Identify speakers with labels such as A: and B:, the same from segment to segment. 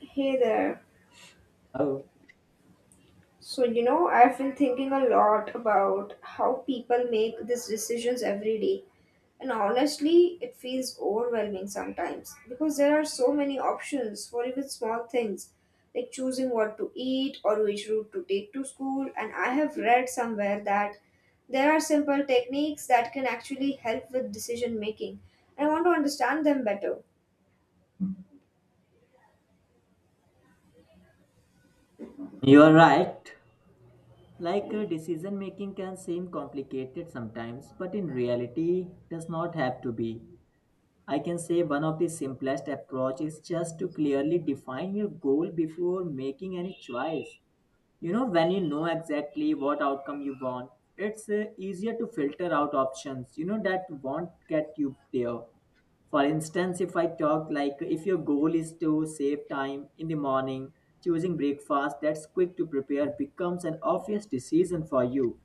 A: Hey there.
B: Oh,
A: So, you know, I've been thinking a lot about how people make these decisions every day. And honestly, it feels overwhelming sometimes because there are so many options for even small things like choosing what to eat or which route to take to school. And I have read somewhere that there are simple techniques that can actually help with decision making. I want to understand them better.
B: you're right. Decision making can seem complicated sometimes, but in reality, does not have to be. I can say one of the simplest approach is just to clearly define your goal before making any choice. You know, when you know exactly what outcome you want, it's easier to filter out options, you know, that won't get you there. For instance, if I talk like if your goal is to save time in the morning, choosing breakfast that's quick to prepare becomes an obvious decision for you.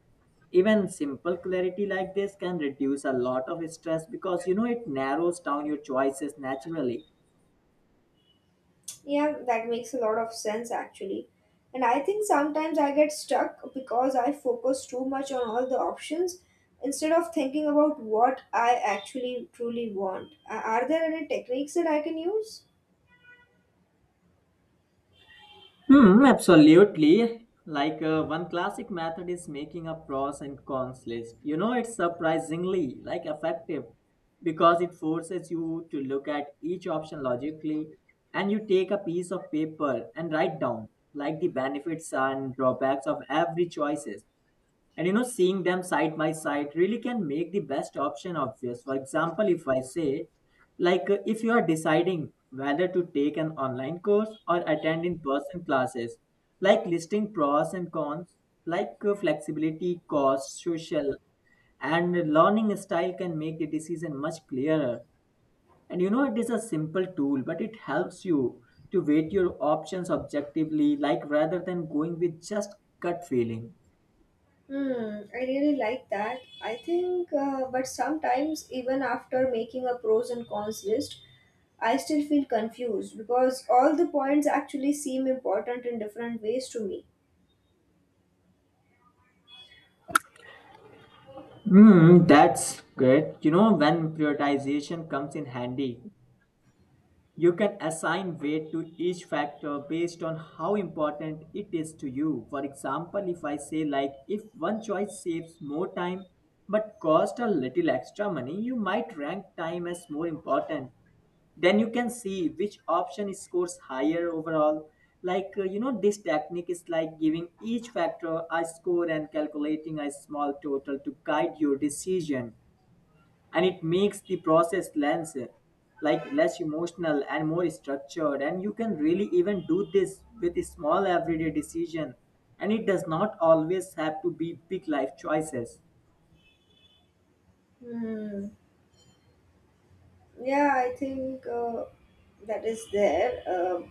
B: Even simple clarity like this can reduce a lot of stress because you know it narrows down your choices naturally.
A: Yeah, that makes a lot of sense actually. And I think sometimes I get stuck because I focus too much on all the options instead of thinking about what I actually truly want. Are there any techniques that I can use?
B: Hmm, absolutely. One classic method is making a pros and cons list. You know, it's surprisingly like effective because it forces you to look at each option logically, and you take a piece of paper and write down like the benefits and drawbacks of every choices. And you know, seeing them side by side really can make the best option obvious. For example, if I say, if you are deciding whether to take an online course or attend in person classes, like listing pros and cons, flexibility, cost, social, and learning style can make the decision much clearer. And you know, it is a simple tool, but it helps you to weight your options objectively, like rather than going with just gut feeling.
A: Hmm, I really like that. I think, but sometimes even after making a pros and cons list, I still feel confused because all the points actually seem important in different ways to me.
B: Hmm, that's great. You know, when prioritization comes in handy, you can assign weight to each factor based on how important it is to you. For example, if I say, like, if one choice saves more time but cost a little extra money, you might rank time as more important. Then you can see which option scores higher overall. You know, this technique is like giving each factor a score and calculating a small total to guide your decision, and it makes the process less emotional and more structured, and you can really even do this with a small everyday decision, and it does not always have to be big life choices.
A: Hmm. Yeah, I think that is there.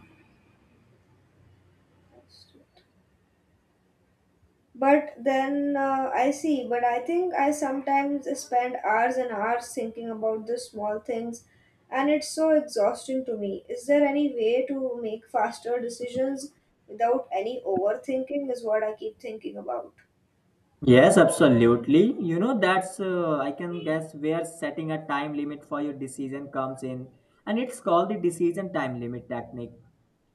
A: But then I see, but I think I sometimes spend hours and hours thinking about the small things, and it's so exhausting to me. Is there any way to make faster decisions without any overthinking? Is what I keep thinking about.
B: Yes, absolutely. You know, that's, I can guess, where setting a time limit for your decision comes in. And it's called the decision time limit technique.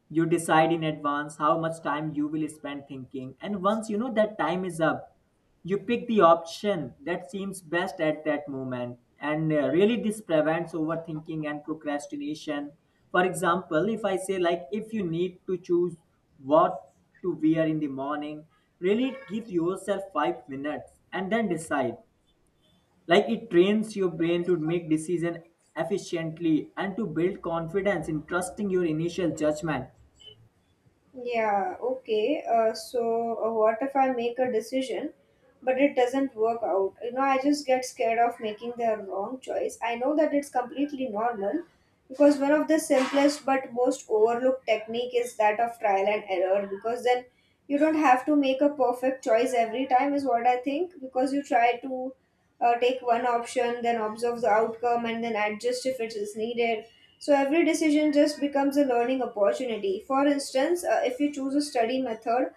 B: You decide in advance how much time you will spend thinking, and once you know that time is up, you pick the option that seems best at that moment. And Really this prevents overthinking and procrastination. For example, if I say like if you need to choose what to wear in the morning, really give yourself 5 minutes and then decide. Like it trains your brain to make decision efficiently and to build confidence in trusting your initial judgment.
A: Yeah, okay. So, what if I make a decision, but it doesn't work out? You know, I just get scared of making the wrong choice. I know that it's completely normal because one of the simplest but most overlooked technique is that of trial and error because then you don't have to make a perfect choice every time, is what I think, because you try to take one option, then observe the outcome, and then adjust if it is needed, so every decision just becomes a learning opportunity. For instance, if you choose a study method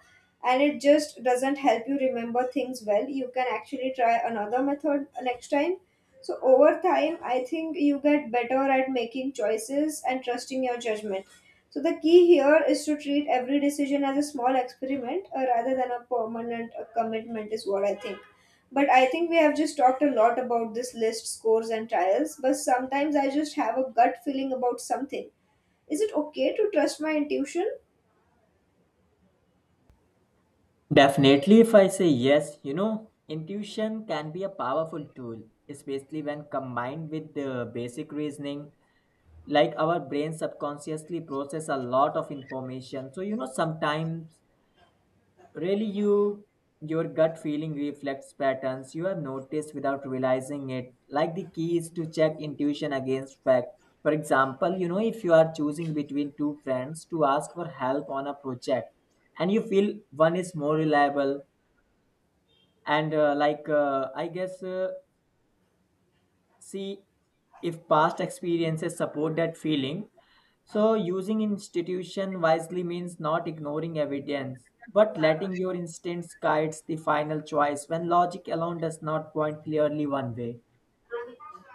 A: and it just doesn't help you remember things well, you can actually try another method next time. So over time, I think you get better at making choices and trusting your judgment. So the key here is to treat every decision as a small experiment, rather than a permanent commitment, is what I think. But I think we have just talked a lot about this list, scores, and trials, but sometimes I just have a gut feeling about something. Is it okay to trust my intuition?
B: Definitely, if I say yes, you know, intuition can be a powerful tool, especially when combined with the basic reasoning. Like our brain subconsciously process a lot of information. So, you know, sometimes really you your gut feeling reflects patterns you have noticed without realizing it. Like the key is to check intuition against fact. For example, you know, if you are choosing between two friends to ask for help on a project and you feel one is more reliable and like I guess see if past experiences support that feeling, so using institution wisely means not ignoring evidence but letting your instincts guides the final choice when logic alone does not point clearly one way.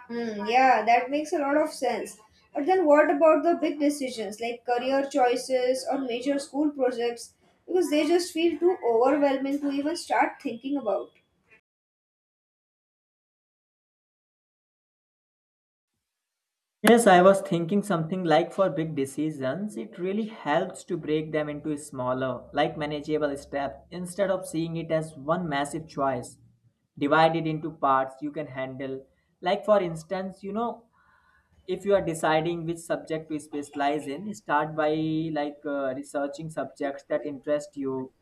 A: Hmm, yeah, that makes a lot of sense. But then what about the big decisions like career choices or major school projects? Because they just feel too overwhelming to even start thinking about.
B: Yes, I was thinking something like for big decisions, it really helps to break them into smaller, like manageable steps instead of seeing it as one massive choice. Divide it into parts you can handle. Like, for instance, you know, if you are deciding which subject to specialize in, start by researching subjects that interest you,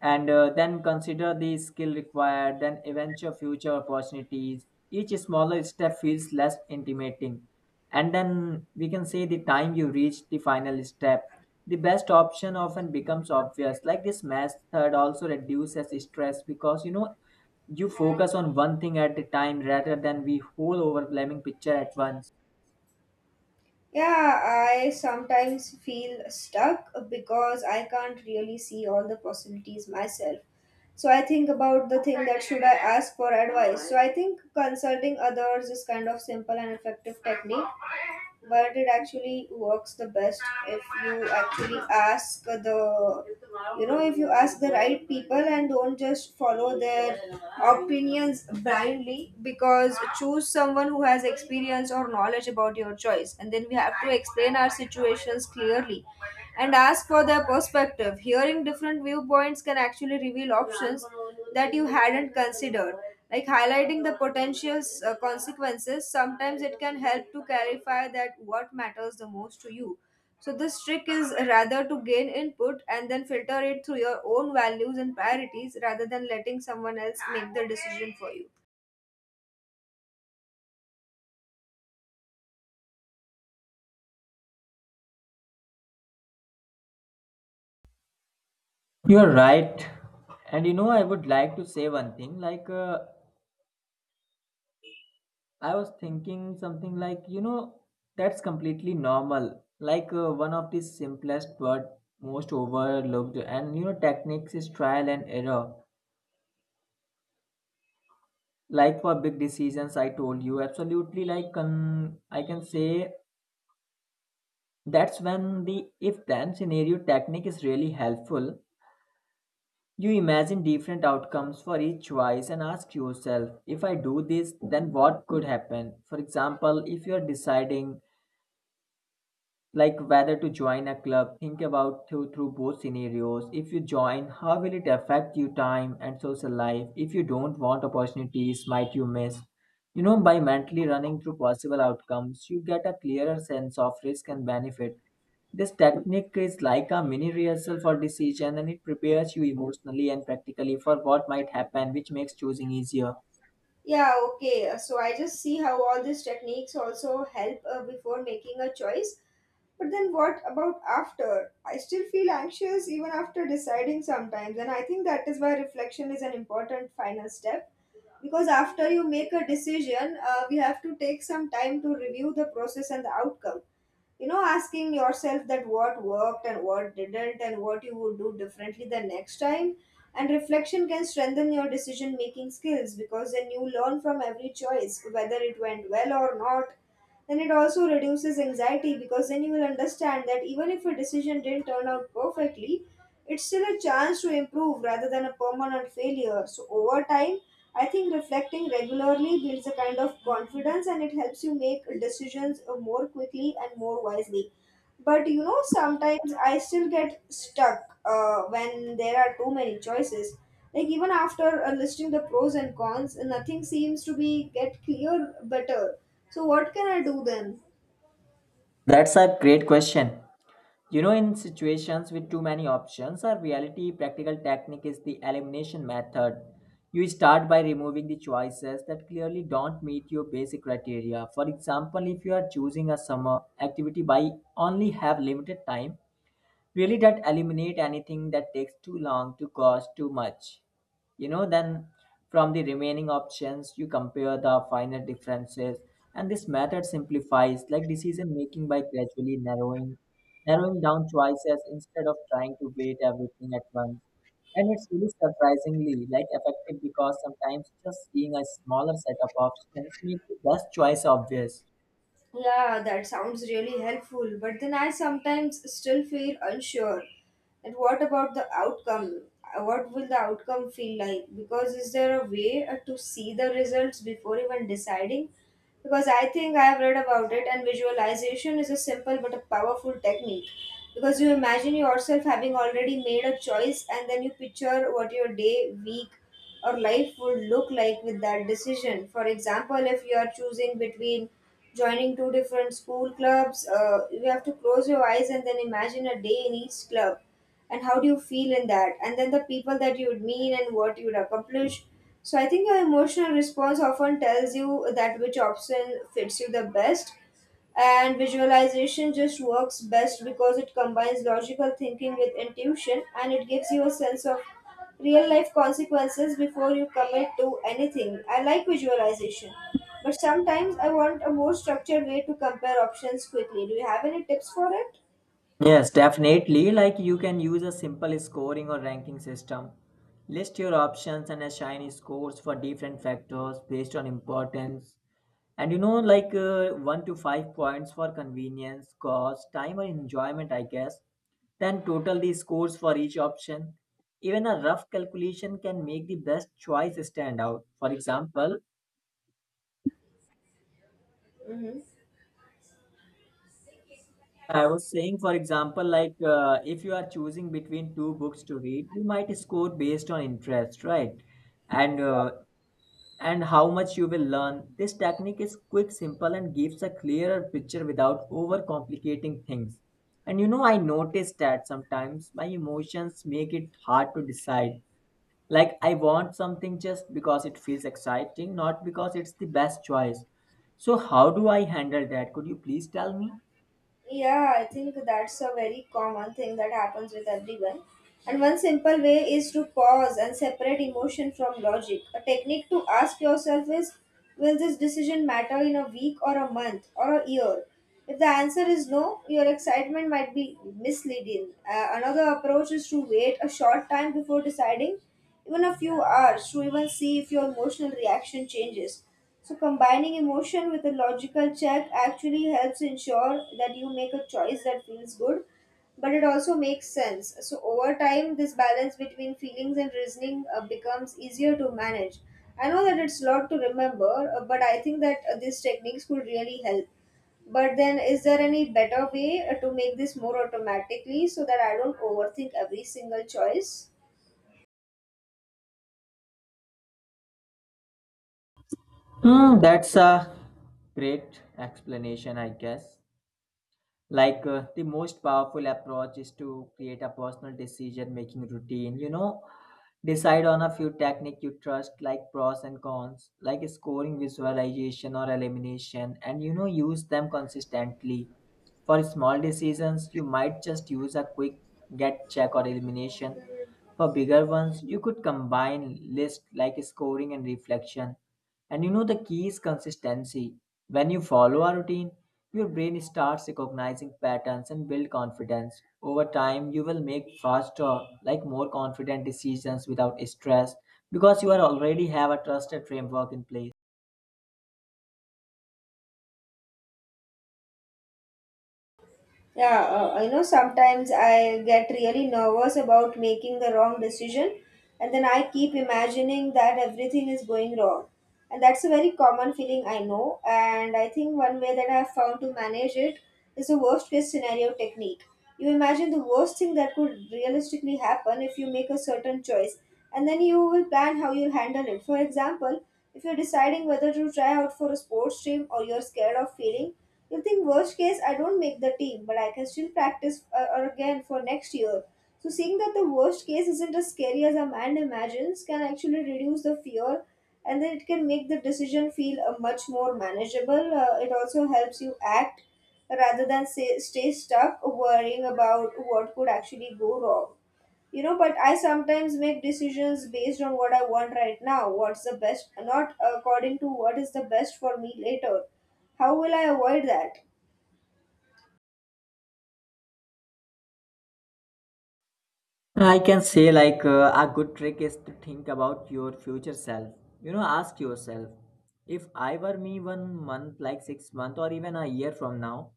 B: and then consider the skill required, then eventual future opportunities. Each smaller step feels less intimidating. And then we can say the time you reach the final step. The best option often becomes obvious. Like this method also reduces stress because you know you focus on one thing at a time rather than the whole overwhelming picture at once.
A: Yeah, I sometimes feel stuck because I can't really see all the possibilities myself. So I think about the thing that should I ask for advice. So I think consulting others is kind of simple and effective technique, but it actually works the best if you actually ask the, you know, if you ask the right people and don't just follow their opinions blindly, because choose someone who has experience or knowledge about your choice, and then we have to explain our situations clearly and ask for their perspective. Hearing different viewpoints can actually reveal options that you hadn't considered, like highlighting the potential consequences. Sometimes it can help to clarify that what matters the most to you. So this trick is rather to gain input and then filter it through your own values and priorities rather than letting someone else make the decision for you.
B: You're right. And you know, I would like to say one thing like, I was thinking something like, you know, that's completely normal. One of the simplest but most overlooked, and you know, techniques is trial and error. Like for big decisions, I told you absolutely. I can say that's when the if-then scenario technique is really helpful. You imagine different outcomes for each choice and ask yourself, if I do this, then what could happen? For example, if you are deciding like whether to join a club, think about through both scenarios. If you join, how will it affect your time and social life? If you don't, want opportunities might you miss? You know, by mentally running through possible outcomes you get a clearer sense of risk and benefit. This technique is like a mini rehearsal for decision, and it prepares you emotionally and practically for what might happen, which makes choosing easier.
A: Yeah, okay. So I just see how all these techniques also help, before making a choice, but then what about after? I still feel anxious even after deciding sometimes, and I think that is why reflection is an important final step, because after you make a decision, we have to take some time to review the process and the outcome. You know, asking yourself that what worked and what didn't and what you would do differently the next time. And reflection can strengthen your decision making skills because then you learn from every choice whether it went well or not. Then it also reduces anxiety because then you will understand that even if a decision didn't turn out perfectly, it's still a chance to improve rather than a permanent failure. So over time, I think reflecting regularly builds a kind of confidence, and it helps you make decisions, more quickly and more wisely. But you know, sometimes I still get stuck when there are too many choices. Like even after listing the pros and cons, nothing seems to be get clear better. So what can I do then?
B: That's a great question. You know, in situations with too many options, our reality practical technique is the elimination method. You start by removing the choices that clearly don't meet your basic criteria. For example, if you are choosing a summer activity by only have limited time, really that eliminate anything that takes too long to cost too much. You know, then from the remaining options you compare the finer differences, and this method simplifies like decision making by gradually narrowing down choices instead of trying to weight everything at once. And it's really surprisingly like effective because sometimes just seeing a smaller set of options make the best choice obvious.
A: Yeah, that sounds really helpful, but then I sometimes still feel unsure. And what about the outcome? What will the outcome feel like? Because is there a way to see the results before even deciding? Because I think I have read about it, and visualization is a simple but a powerful technique. Because you imagine yourself having already made a choice, and then you picture what your day, week, or life would look like with that decision. For example, if you are choosing between joining two different school clubs, you have to close your eyes and then imagine a day in each club and how do you feel in that, and then the people that you would meet and what you would accomplish. So I think your emotional response often tells you that which option fits you the best, and visualization just works best because it combines logical thinking with intuition, and it gives you a sense of real life consequences before you commit to anything. I like visualization, but sometimes I want a more structured way to compare options quickly. Do you have any tips for it?
B: Yes, definitely. Like you can use a simple scoring or ranking system. List your options and assign scores for different factors based on importance. And you know, 1 to 5 points for convenience, cost, time, or enjoyment, I guess. Then total the scores for each option. Even a rough calculation can make the best choice stand out. For example,
A: Hmm.
B: I was saying, for example, if you are choosing between two books to read, you might score based on interest, right? And uh, and how much you will learn. This technique is quick, simple, and gives a clearer picture without overcomplicating things. And you know, I noticed that sometimes my emotions make it hard to decide. Like I want something just because it feels exciting, not because it's the best choice. So how do I handle that? Could you please tell me?
A: Yeah, I think that's a very common thing that happens with everyone. And one simple way is to pause and separate emotion from logic. A technique to ask yourself is, will this decision matter in a week or a month or a year? If the answer is no, your excitement might be misleading. Another approach is to wait a short time before deciding, even a few hours, to even see if your emotional reaction changes. So, combining emotion with a logical check actually helps ensure that you make a choice that feels good, but it also makes sense. So, over time, this balance between feelings and reasoning becomes easier to manage. I know that it's a lot to remember, but I think that these techniques could really help. But then, is there any better way to make this more automatically so that I don't overthink every single choice?
B: Hmm, that's a great explanation, I guess. The most powerful approach is to create a personal decision making routine. You know, decide on a few technique you trust like pros and cons, like scoring, visualization, or elimination, and you know use them consistently. For small decisions you might just use a quick get check or elimination. For bigger ones you could combine list like scoring and reflection. And you know the key is consistency. When you follow a routine, your brain starts recognizing patterns and build confidence. Over time, you will make faster, like more confident decisions without stress, because you are already have a trusted framework in place.
A: Yeah, you know, sometimes I get really nervous about making the wrong decision, and then I keep imagining that everything is going wrong. And that's a very common feeling I know. And I think one way that I have found to manage it is the worst case scenario technique. You imagine the worst thing that could realistically happen if you make a certain choice, and then you will plan how you'll handle it. For example, if you're deciding whether to try out for a sports team or you're scared of failing, you'll think, worst case, I don't make the team, but I can still practice or again for next year. So, seeing that the worst case isn't as scary as a man imagines can actually reduce the fear, and then it can make the decision feel, much more manageable. It also helps you act rather than say, stay stuck worrying about what could actually go wrong. You know, but I sometimes make decisions based on what I want right now, what's the best, not according to what is the best for me later. How will I avoid that?
B: I can say a good trick is to think about your future self. You know, ask yourself, if I were me 1 month, like 6 months, or even a year from now,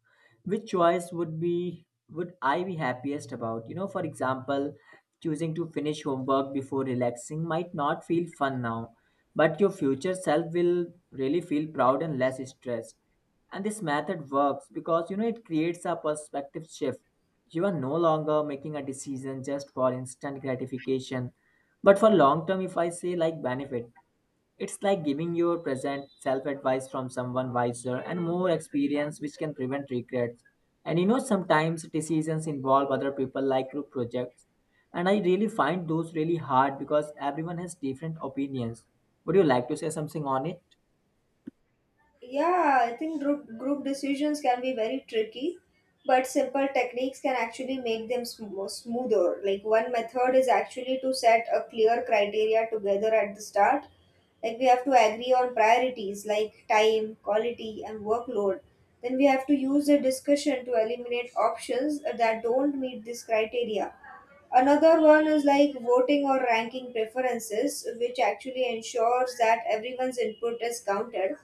B: which choice would I be happiest about? You know, for example, choosing to finish homework before relaxing might not feel fun now, but your future self will really feel proud and less stressed. And this method works because you know it creates a perspective shift. You are no longer making a decision just for instant gratification, but for long term, if I say like benefit. It's like giving your present self advice from someone wiser and more experienced, which can prevent regrets. And you know, sometimes decisions involve other people, like group projects. And I really find those really hard because everyone has different opinions. Would you like to say something on it?
A: Yeah, I think group decisions can be very tricky, but simple techniques can actually make them smoother. Like one method is actually to set a clear criteria together at the start. Like we have to agree on priorities like time, quality, and workload. Then we have to use the discussion to eliminate options that don't meet this criteria. Another one is like voting or ranking preferences, which actually ensures that everyone's input is counted.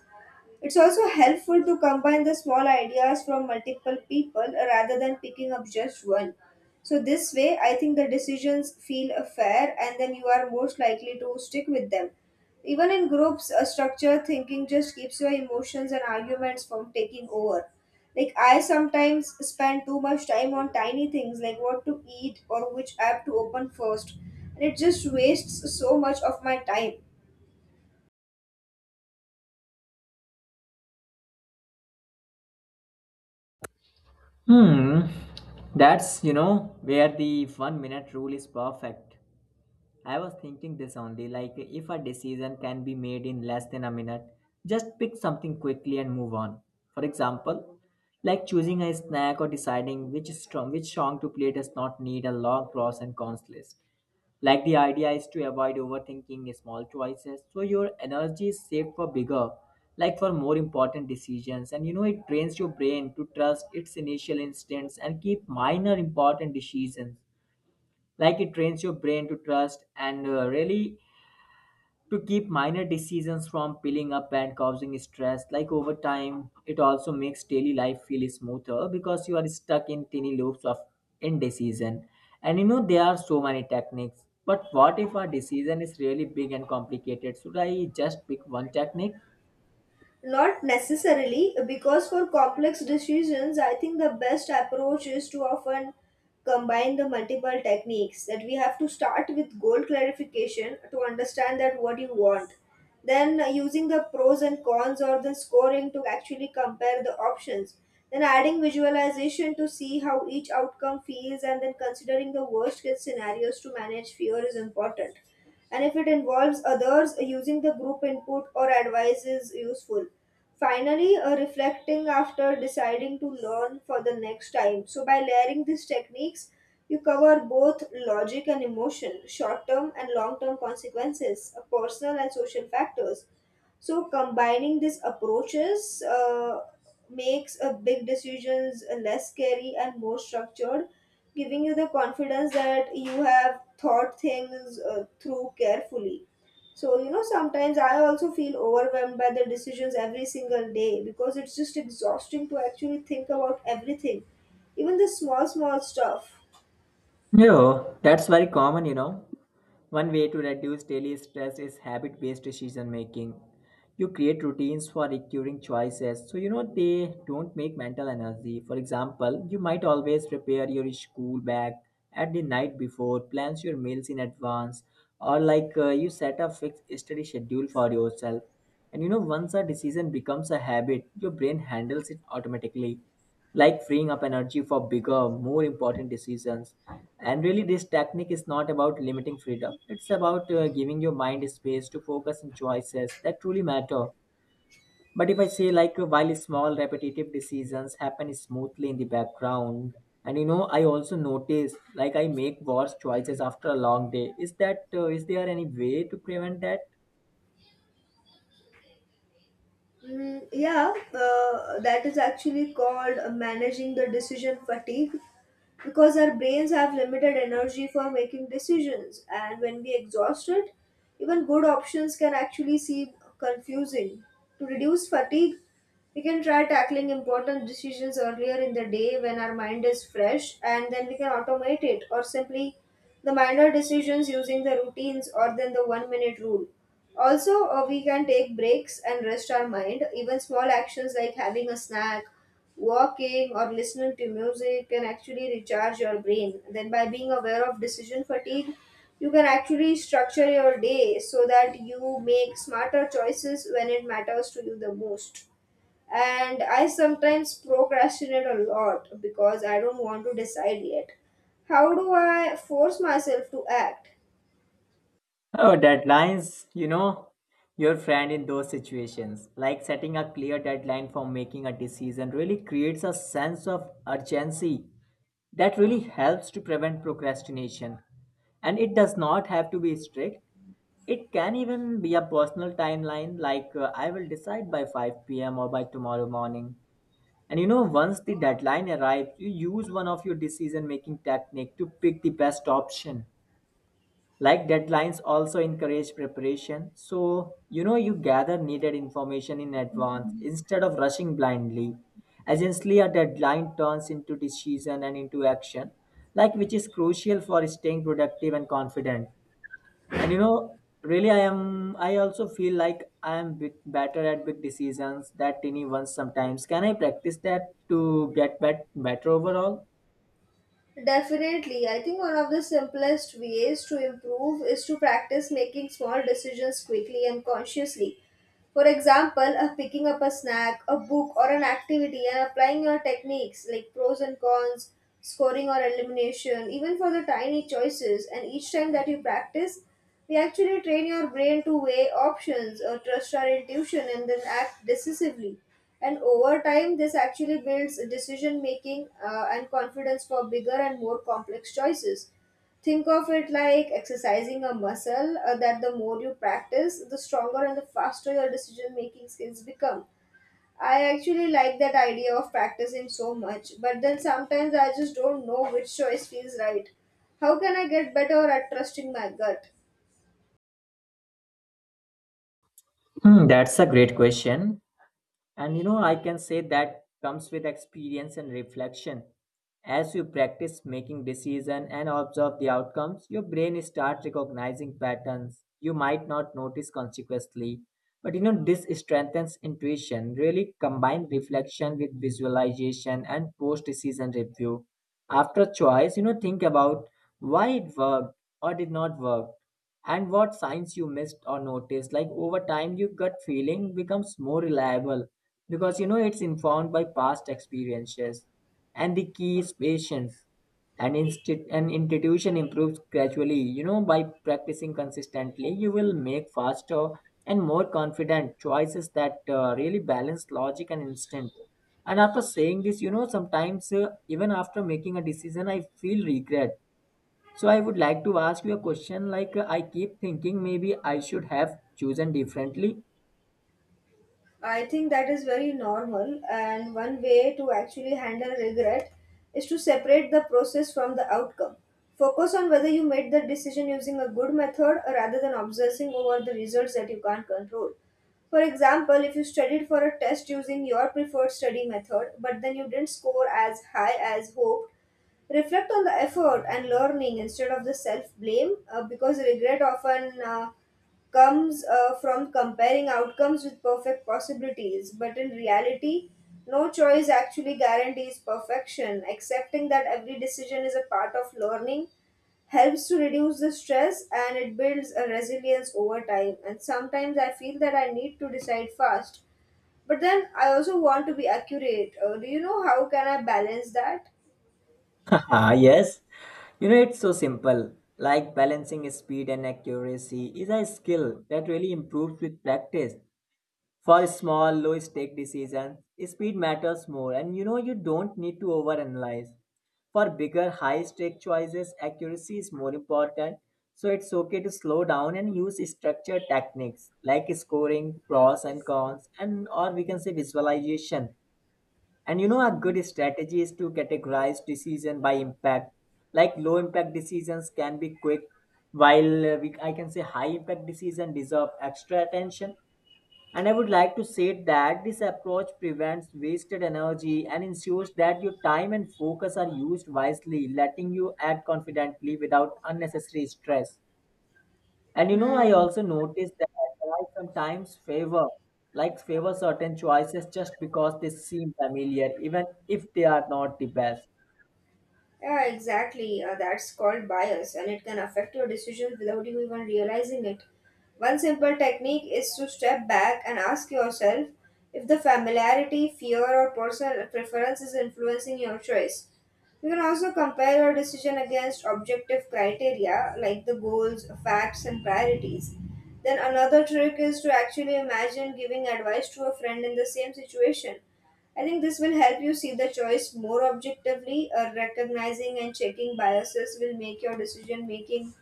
A: It's also helpful to combine the small ideas from multiple people rather than picking up just one. So, this way, I think the decisions feel fair and then you are most likely to stick with them. Even in groups, a structured thinking just keeps your emotions and arguments from taking over. Like, I sometimes spend too much time on tiny things like what to eat or which app to open first, and it just wastes so much of my time.
B: Hmm. That's, you know, where the 1 minute rule is perfect. I was thinking this only like if a decision can be made in less than a minute, just pick something quickly and move on. For example, like choosing a snack or deciding which song to play does not need a long pros and cons list. Like the idea is to avoid overthinking small choices, so your energy is saved for bigger, like for more important decisions. And you know it trains your brain to trust its initial instincts and keep minor important decisions, like it trains your brain to trust and really to keep minor decisions from piling up and causing stress. Like over time it also makes daily life feel smoother because you are stuck in tiny loops of indecision. And you know there are so many techniques, but what if our decision is really big and complicated? Should I just pick one technique?
A: Not necessarily, because for complex decisions, I think the best approach is to often combine the multiple techniques that we have to start with goal clarification to understand that what you want then using the pros and cons or the scoring to actually compare the options then adding visualization to see how each outcome feels and then considering the worst case scenarios to manage fear is important and if it involves others, using the group input or advice is useful. Finally, reflecting after deciding to learn for the next time. So, by layering these techniques, you cover both logic and emotion, short term and long term consequences, personal and social factors so combining these approaches makes a big decisions less scary and more structured giving you the confidence that you have thought things through carefully so sometimes I also feel overwhelmed by the decisions every single day because it's just exhausting to actually think about everything even the small small stuff.
B: Yeah, that's very common, you know. One way to reduce daily stress is habit based decision making. You create routines for recurring choices so you know they don't make mental energy. For example, you might always prepare your school bag at the night before, plans your meals in advance, or you set a fixed study schedule for yourself. And you know, once a decision becomes a habit, your brain handles it automatically, like freeing up energy for bigger, more important decisions. And really, this technique is not about limiting freedom, it's about giving your mind space to focus on choices that truly matter. But if I say, while small repetitive decisions happen smoothly in the background, and you know, I also notice like I make worse choices after a long day. Is that is there any way to prevent that?
A: Mm, yeah, that is actually called managing the decision fatigue because our brains have limited energy for making decisions, and when we exhaust it, even good options can actually seem confusing. To reduce fatigue, we can try tackling important decisions earlier in the day when our mind is fresh, and then we can automate it or simply the minor decisions using the routines or then the 1 minute rule. Also, we can take breaks and rest our mind. Even small actions like having a snack, walking, or listening to music can actually recharge your brain. Then, by being aware of decision fatigue, you can actually structure your day so that you make smarter choices when it matters to you the most. And I sometimes procrastinate a lot because I don't want to decide yet. How do I force myself to act?
B: Oh, deadlines, you know, your friend in those situations. Like setting a clear deadline for making a decision really creates a sense of urgency that really helps to prevent procrastination. And it does not have to be strict. It can even be a personal timeline, like I will decide by 5 p.m. or by tomorrow morning. And you know, once the deadline arrives, you use one of your decision making technique to pick the best option. Like deadlines also encourage preparation, so you know you gather needed information in advance instead of rushing blindly. Essentially, a deadline turns into decision and into action, like which is crucial for staying productive and confident. And you know, really, I am. I also feel like I am bit better at big decisions that tiny ones sometimes. Can I practice that to get better overall?
A: Definitely. I think one of the simplest ways to improve is to practice making small decisions quickly and consciously. For example, of picking up a snack, a book, or an activity and applying your techniques like pros and cons, scoring or elimination, even for the tiny choices. And each time that you practice, we actually train your brain to weigh options or trust our intuition and then act decisively. And over time, this actually builds decision making and confidence for bigger and more complex choices. Think of it like exercising a muscle that the more you practice, the stronger and the faster your decision making skills become. I actually like that idea of practicing so much, but then sometimes I just don't know which choice feels right. How can I get better at trusting my gut?
B: Hmm, that's a great question. And you know, I can say that comes with experience and reflection. As you practice making decisions and observe the outcomes, your brain starts recognizing patterns you might not notice consciously. But you know, this strengthens intuition. Really combine reflection with visualization and post decision review. After choice, you know, think about why it worked or did not work and what signs you missed or noticed. Like over time your gut feeling becomes more reliable because you know it's informed by past experiences. And the key is patience, and an institution improves gradually. You know, by practicing consistently you will make faster and more confident choices that really balance logic and instinct. And after saying this, you know, sometimes even after making a decision I feel regret, so I would like to ask you a question like I keep thinking maybe I should have chosen differently.
A: I think that is very normal, and one way to actually handle regret is to separate the process from the outcome. Focus on whether you made the decision using a good method rather than obsessing over the results that you can't control. For example, if you studied for a test using your preferred study method but then you didn't score as high as hoped, reflect on the effort and learning instead of the self blame because regret often comes from comparing outcomes with perfect possibilities but in reality no choice actually guarantees perfection accepting that every decision is a part of learning helps to reduce the stress and it builds a resilience over time and sometimes I feel that I need to decide fast but then I also want to be accurate do you know how can I balance that.
B: Ah yes. You know it's so simple. Like balancing speed and accuracy is a skill that really improves with practice. For small, low stake decisions, speed matters more, and you know you don't need to overanalyze. For bigger, high stake choices, accuracy is more important, so it's okay to slow down and use structured techniques like scoring, pros and cons, and or we can say visualization. And you know, a good strategy is to categorize decision by impact. Like low impact decisions can be quick, while I can say high impact decision deserve extra attention. And I would like to say that this approach prevents wasted energy and ensures that your time and focus are used wisely, letting you act confidently without unnecessary stress. And you know, I
A: Hmm.
B: also noticed that I sometimes favor, like favor certain choices just because they seem familiar, even if they are not the best.
A: Yeah, exactly. That's called bias, and it can affect your decisions without you even realizing it. One simple technique is to step back and ask yourself if the familiarity, fear, or personal preference is influencing your choice. You can also compare your decision against objective criteria like the goals, facts, and priorities. Then another trick is to actually imagine giving advice to a friend in the same situation. I think this will help you see the choice more objectively. Recognizing and checking biases will make your decision making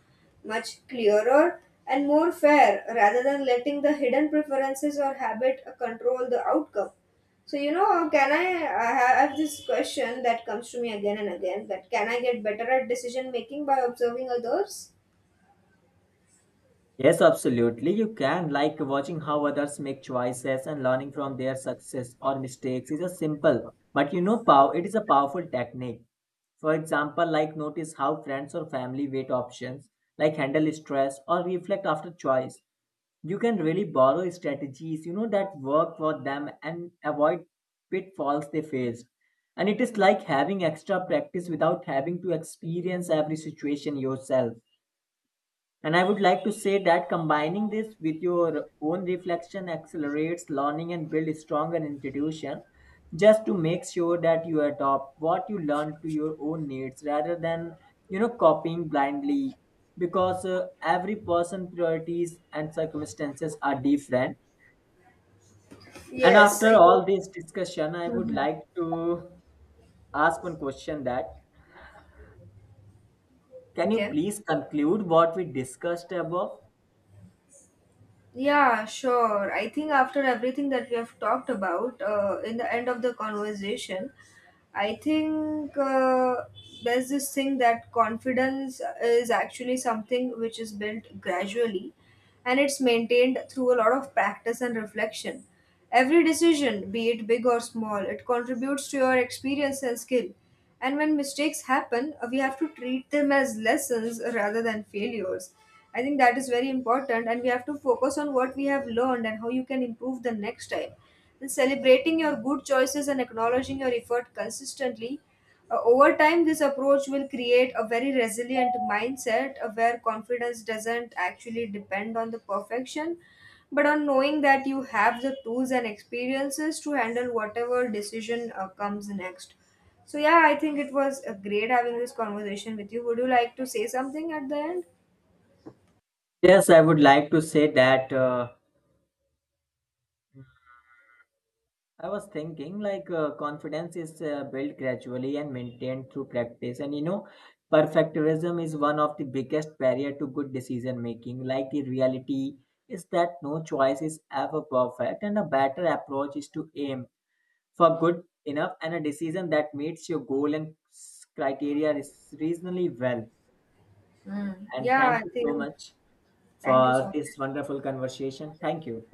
A: much clearer and more fair rather than letting the hidden preferences or habit control the outcome. So, can I have this question that comes to me again and again that can I get better at decision making by observing others?
B: Yes, absolutely. You can, like watching how others make choices and learning from their success or mistakes is a simple, but you know, pow it is a powerful technique. For example, like notice how friends or family weight options, like handle stress or reflect after choice. You can really borrow strategies, you know, that work for them and avoid pitfalls they faced. And it is like having extra practice without having to experience every situation yourself. And I would like to say that combining this with your own reflection accelerates learning and builds stronger institution, just to make sure that you adopt what you learn to your own needs rather than you know copying blindly, because every person priorities and circumstances are different. And
A: Yes.
B: after
A: I-
B: all this discussion I would
A: Mhm.
B: like to ask one question that can you
A: Okay.
B: please conclude what we discussed above?
A: Yeah, sure. I think after everything that we have talked about, in the end of the conversation, I think there's this thing that confidence is actually something which is built gradually and it's maintained through a lot of practice and reflection. Every decision, be it big or small, it contributes to your experience and skill. And when mistakes happen, we have to treat them as lessons rather than failures. I think that is very important, and we have to focus on what we have learned and how you can improve the next time. And celebrating your good choices and acknowledging your effort consistently. Uh, over time, this approach will create a very resilient mindset where confidence doesn't actually depend on the perfection, but on knowing that you have the tools and experiences to handle whatever decision comes next so yeah, I think it was great having this conversation with you. Would you like to say something at the end?
B: Yes, I would like to say that I was thinking like confidence is built gradually and maintained through practice. And you know, perfectionism is one of the biggest barrier to good decision making. Like the reality is that no choice is ever perfect, and a better approach is to aim for good enough, and a decision that meets your goal and criteria is reasonably well.
A: Mm.
B: And
A: Yeah, I
B: thank you so
A: think
B: much
A: thank you so
B: for this
A: much.
B: wonderful conversation. Thank you.